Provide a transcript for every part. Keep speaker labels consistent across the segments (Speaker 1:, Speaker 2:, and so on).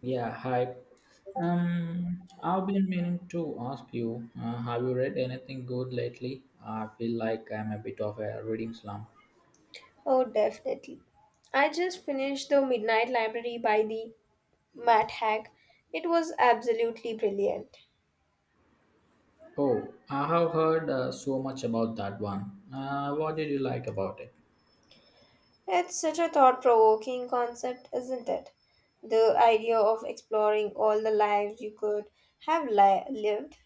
Speaker 1: Yeah, hi. I've been meaning to ask you, have you read anything good lately? I feel like I'm a bit of a reading slump.
Speaker 2: Oh, definitely. I just finished The Midnight Library by the Matt Haig. It was absolutely brilliant.
Speaker 1: Oh, I have heard so much about that one. What did you like about it?
Speaker 2: It's such a thought provoking concept, isn't it? The idea of exploring all the lives you could lived.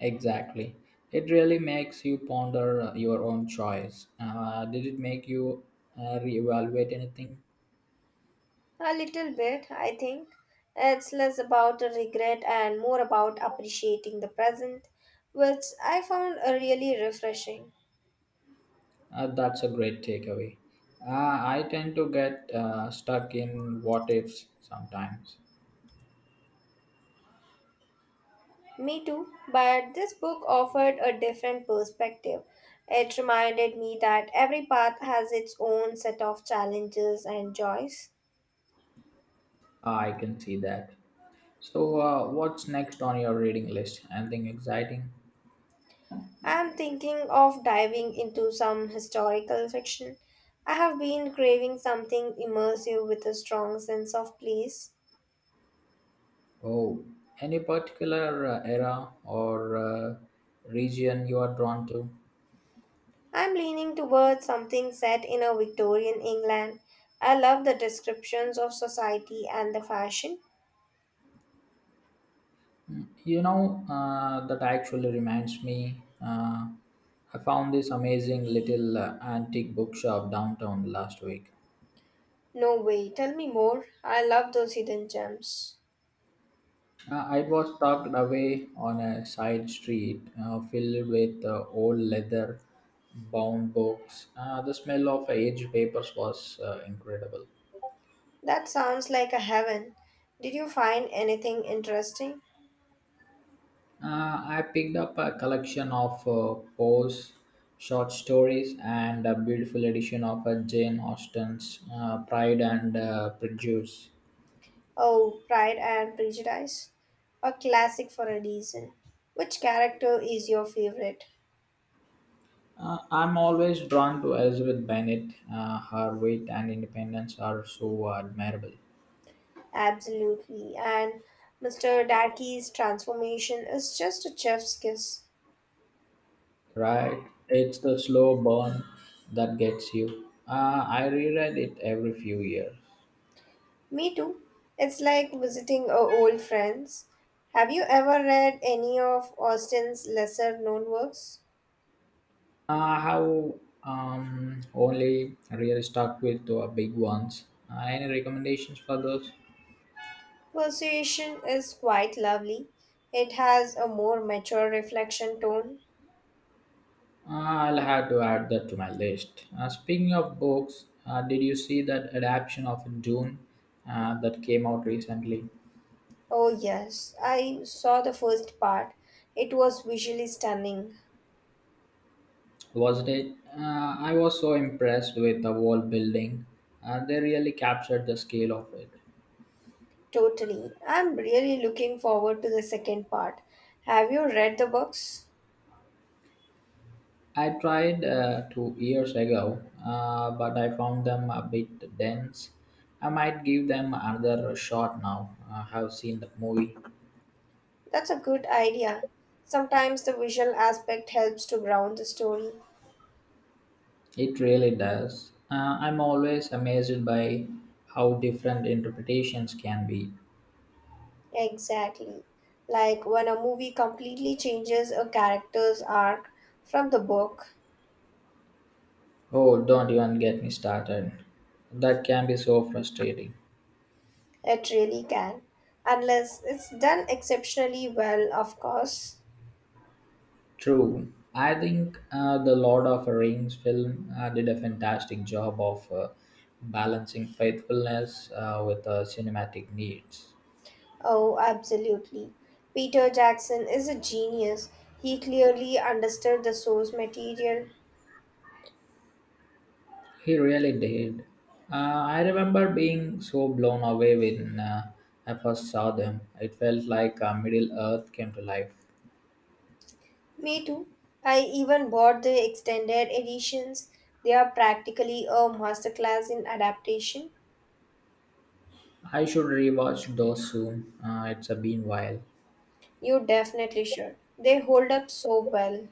Speaker 1: Exactly. It really makes you ponder your own choice. Did it make you reevaluate anything?
Speaker 2: A little bit, I think. It's less about regret and more about appreciating the present, which I found really refreshing.
Speaker 1: That's a great takeaway. Uh, I tend to get stuck in what ifs sometimes.
Speaker 2: Me too, but this book offered a different perspective. It reminded me that every path has its own set of challenges and joys.
Speaker 1: I can see that. So, what's next on your reading list? Anything exciting?
Speaker 2: I am thinking of diving into some historical fiction. I have been craving something immersive with a strong sense of place.
Speaker 1: Oh, any particular era or region you are drawn to?
Speaker 2: I am leaning towards something set in a Victorian England. I love the descriptions of society and the fashion.
Speaker 1: Mm, you know, that actually reminds me. I found this amazing little antique bookshop downtown last week.
Speaker 2: No way, tell me more. I love those hidden gems.
Speaker 1: It was tucked away on a side street filled with old leather bound books. The smell of aged papers was incredible.
Speaker 2: That sounds like a heaven. Did you find anything interesting?
Speaker 1: I picked up a collection of Poe's short stories and a beautiful edition of Jane Austen's Pride and Prejudice.
Speaker 2: Oh, Pride and Prejudice. A classic for a reason. Which character is your favorite?
Speaker 1: I'm always drawn to Elizabeth Bennet. Her wit and independence are so admirable.
Speaker 2: Absolutely. And Mr. Darky's transformation is just a chef's kiss.
Speaker 1: Right? It's the slow burn that gets you. I reread it every few years.
Speaker 2: Me too. It's like visiting a old friends. Have you ever read any of Austen's lesser known works?
Speaker 1: I have only really stuck with the big ones. Any recommendations for those?
Speaker 2: Persuasion is quite lovely. It has a more mature reflection tone.
Speaker 1: I'll have to add that to my list. Speaking of books, did you see that adaptation of Dune that came out recently?
Speaker 2: Oh, yes, I saw the first part. It was visually stunning.
Speaker 1: Was it? I was so impressed with the world building. They really captured the scale of it.
Speaker 2: Totally. I'm really looking forward to the second part. Have you read the books?
Speaker 1: I tried 2 years ago, but I found them a bit dense. I might give them another shot now. I have seen the movie.
Speaker 2: That's a good idea. Sometimes the visual aspect helps to ground the story.
Speaker 1: It really does. I'm always amazed by how different interpretations can be.
Speaker 2: Exactly. Like when a movie completely changes a character's arc from the book,
Speaker 1: Oh, don't even get me started. That can be so frustrating.
Speaker 2: it really can. Unless it's done exceptionally well, of course.
Speaker 1: True. I think the Lord of the Rings film did a fantastic job of balancing faithfulness with cinematic needs.
Speaker 2: Oh, absolutely. Peter Jackson is a genius. He clearly understood the source material.
Speaker 1: He really did. Uh, I remember being so blown away when I first saw them. It felt like Middle Earth came to life.
Speaker 2: Me too. I even bought the extended editions. They are practically a masterclass in adaptation.
Speaker 1: I should rewatch those soon. It's a been while.
Speaker 2: You definitely should. They hold up so well.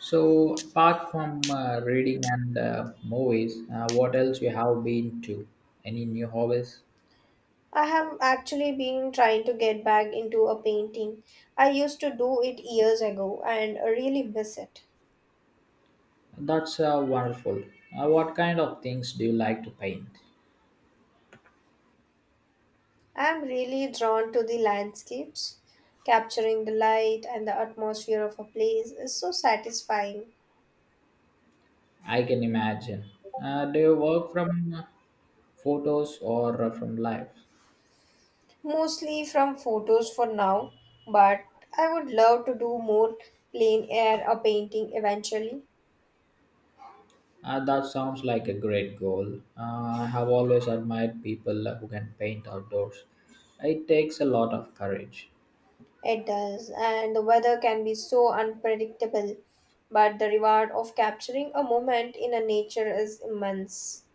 Speaker 1: So, apart from reading and movies, what else you have been to? Any new hobbies?
Speaker 2: I have actually been trying to get back into a painting. I used to do it years ago and really miss it.
Speaker 1: That's wonderful. What kind of things do you like to paint?
Speaker 2: I'm really drawn to the landscapes. Capturing the light and the atmosphere of a place is so satisfying.
Speaker 1: I can imagine. Do you work from photos or from life?
Speaker 2: Mostly from photos for now, but I would love to do more plain air or painting eventually.
Speaker 1: That sounds like a great goal. I have always admired people who can paint outdoors. It takes a lot of courage.
Speaker 2: It does, and the weather can be so unpredictable, but the reward of capturing a moment in a nature is immense.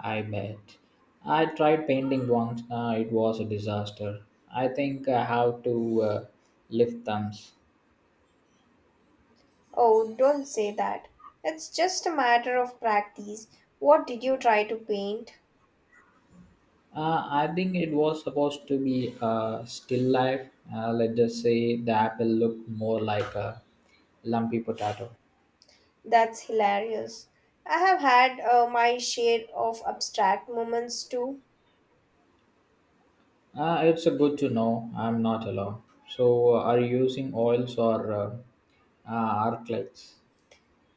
Speaker 1: I bet. I tried painting once. It was a disaster. I think I have to lift thumbs.
Speaker 2: Oh, don't say that. It's just a matter of practice. What did you try to paint?
Speaker 1: I think it was supposed to be a still life. Let's just say the apple looked more like a lumpy potato.
Speaker 2: That's hilarious. I have had my share of abstract moments too.
Speaker 1: It's a good to know I'm not alone. So, are you using oils or arc lights?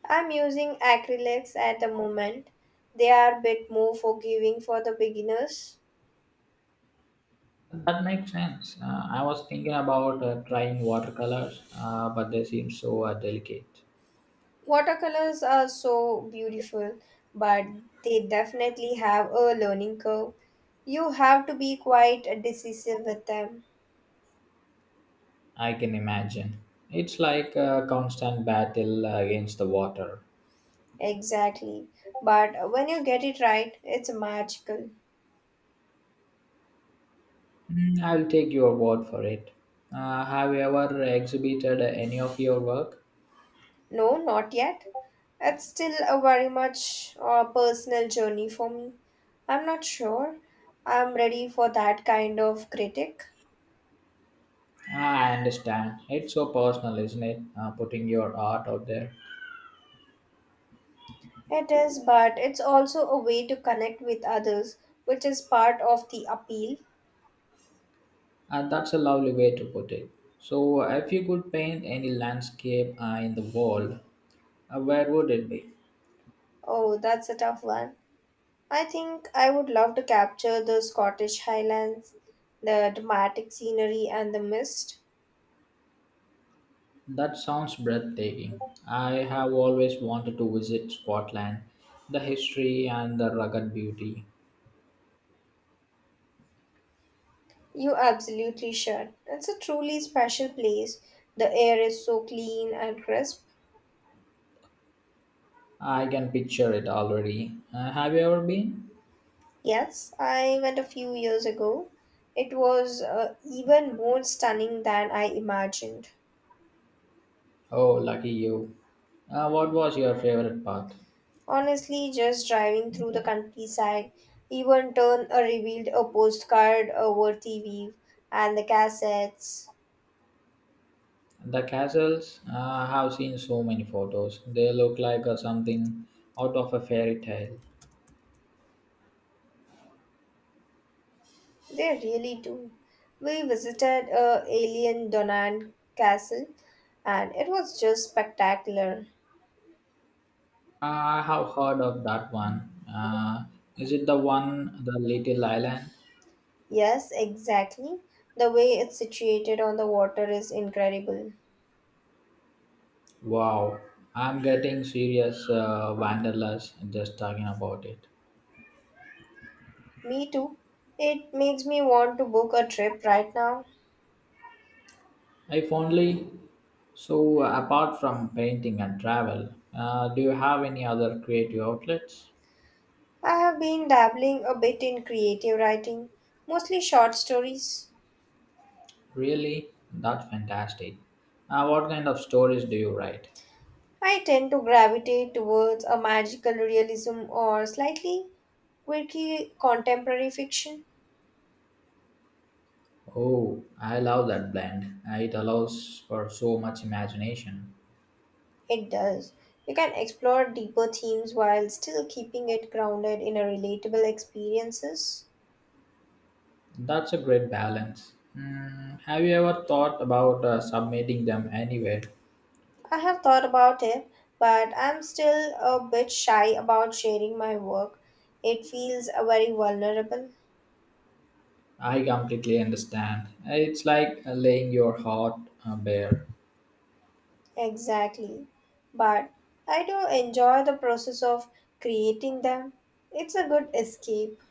Speaker 2: I'm using acrylics at the moment. They are a bit more forgiving for the beginners.
Speaker 1: That makes sense. I was thinking about trying watercolors, but they seem so delicate.
Speaker 2: Watercolors are so beautiful, but they definitely have a learning curve. You have to be quite decisive with them.
Speaker 1: I can imagine. It's like a constant battle against the water.
Speaker 2: Exactly. But when you get it right, it's magical.
Speaker 1: Mm, I'll take your word for it. Have you ever exhibited any of your work?
Speaker 2: No, not yet. It's still a very much personal journey for me. I'm not sure I'm ready for that kind of critic.
Speaker 1: Ah, I understand. It's so personal, isn't it? Putting your art out there.
Speaker 2: It is, but it's also a way to connect with others, which is part of the appeal.
Speaker 1: That's a lovely way to put it. So, if you could paint any landscape in the world, where would it be?
Speaker 2: Oh, that's a tough one. I think I would love to capture the Scottish Highlands, the dramatic scenery, and the mist.
Speaker 1: That sounds breathtaking. I have always wanted to visit Scotland, the history and the rugged beauty.
Speaker 2: You absolutely should. It's a truly special place. The air is so clean and crisp.
Speaker 1: I can picture it already. Have you ever been?
Speaker 2: Yes, I went a few years ago. It was even more stunning than I imagined.
Speaker 1: Oh, lucky you. What was your favorite part?
Speaker 2: Honestly, just driving through the countryside, even turn revealed a postcard, a worthy weave, and the cassettes.
Speaker 1: The castles? I have seen so many photos. They look like something out of a fairy tale.
Speaker 2: They really do. We visited a alien Donan castle, and it was just spectacular.
Speaker 1: I have heard of that one. Is it the one, the little island?
Speaker 2: Yes, exactly. The way it's situated on the water is incredible.
Speaker 1: Wow, I'm getting serious wanderlust just talking about it.
Speaker 2: Me too. It makes me want to book a trip right now.
Speaker 1: I fondly. So, apart from painting and travel, do you have any other creative outlets?
Speaker 2: I have been dabbling a bit in creative writing, mostly short stories.
Speaker 1: Really? That's fantastic. What kind of stories do you write?
Speaker 2: I tend to gravitate towards a magical realism or slightly quirky contemporary fiction.
Speaker 1: Oh, I love that blend. It allows for so much imagination.
Speaker 2: It does. You can explore deeper themes while still keeping it grounded in a relatable experiences.
Speaker 1: That's a great balance. Hmm, have you ever thought about submitting them anywhere?
Speaker 2: I have thought about it, but I'm still a bit shy about sharing my work. It feels very vulnerable.
Speaker 1: I completely understand. It's like laying your heart bare.
Speaker 2: Exactly. But I do enjoy the process of creating them. It's a good escape.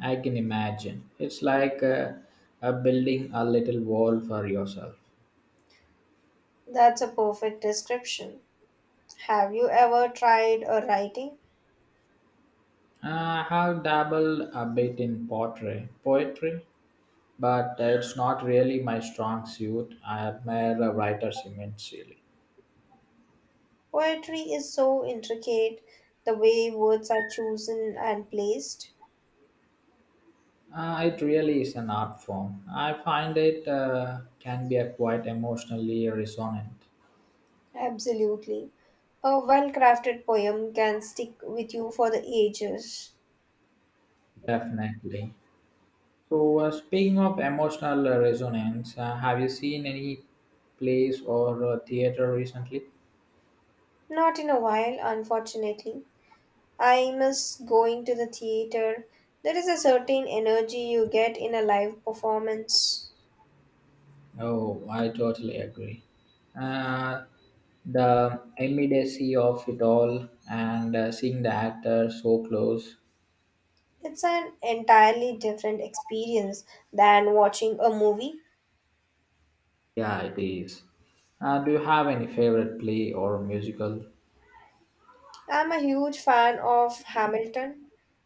Speaker 1: I can imagine. It's like building a little wall for yourself.
Speaker 2: That's a perfect description. Have you ever tried a writing?
Speaker 1: I have dabbled a bit in pottery, poetry, but it's not really my strong suit. I admire writers immensely.
Speaker 2: Poetry is so intricate, the way words are chosen and placed.
Speaker 1: It really is an art form. I find it can be a quite emotionally resonant.
Speaker 2: Absolutely. A well crafted poem can stick with you for the ages.
Speaker 1: Definitely. So, speaking of emotional resonance, have you seen any plays or theater recently?
Speaker 2: Not in a while, unfortunately. I miss going to the theater. There is a certain energy you get in a live performance.
Speaker 1: Oh, I totally agree. Uh, the immediacy of it all and seeing the actor so close.
Speaker 2: It's an entirely different experience than watching a movie.
Speaker 1: Yeah, it is. Do you have any favorite play or musical?
Speaker 2: I'm a huge fan of Hamilton.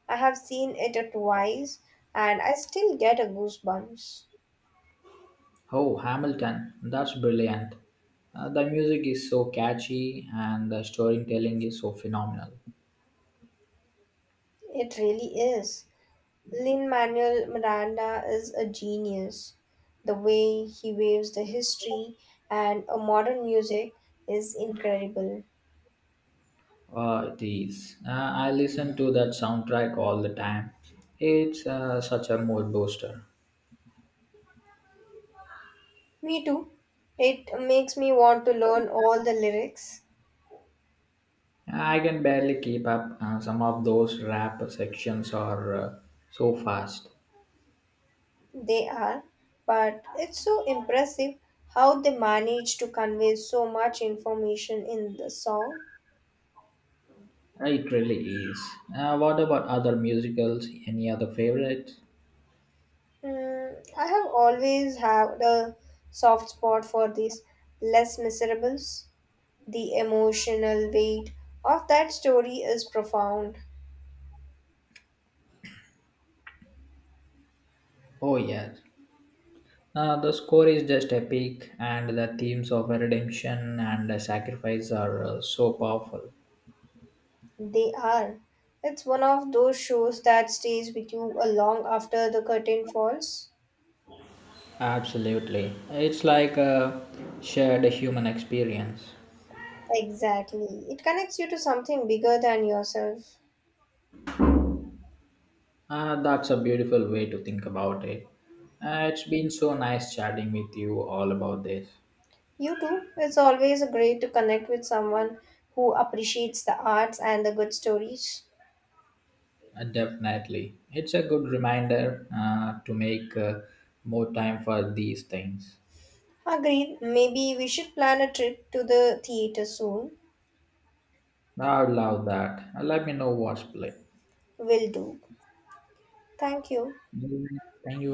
Speaker 2: I have seen it twice and I still get a goosebumps.
Speaker 1: Oh, Hamilton. That's brilliant. The music is so catchy and the storytelling is so phenomenal.
Speaker 2: It really is. Lin-Manuel Miranda is a genius. The way he waves the history and a modern music is incredible.
Speaker 1: It is. I listen to that soundtrack all the time. It's such a mood booster.
Speaker 2: Me too. It makes me want to learn all the lyrics.
Speaker 1: I can barely keep up. Some of those rap sections are so fast.
Speaker 2: They are, but it's so impressive how they manage to convey so much information in the song.
Speaker 1: It really is. What about other musicals? Any other favorites?
Speaker 2: Hmm, I have always had a soft spot for these less miserables. The emotional weight of that story is profound.
Speaker 1: Oh, yes. The score is just epic, and the themes of redemption and sacrifice are so powerful.
Speaker 2: They are. It's one of those shows that stays with you a long after the curtain falls.
Speaker 1: Absolutely. It's like a shared human experience.
Speaker 2: Exactly. It connects you to something bigger than yourself.
Speaker 1: That's a beautiful way to think about it. It's been so nice chatting with you all about this.
Speaker 2: You too. It's always great to connect with someone who appreciates the arts and the good stories.
Speaker 1: Definitely. It's a good reminder to make more time for these things.
Speaker 2: Agreed. Maybe we should plan a trip to the theater soon.
Speaker 1: I love that. Let me know what's play.
Speaker 2: Will do. Thank you.
Speaker 1: Thank you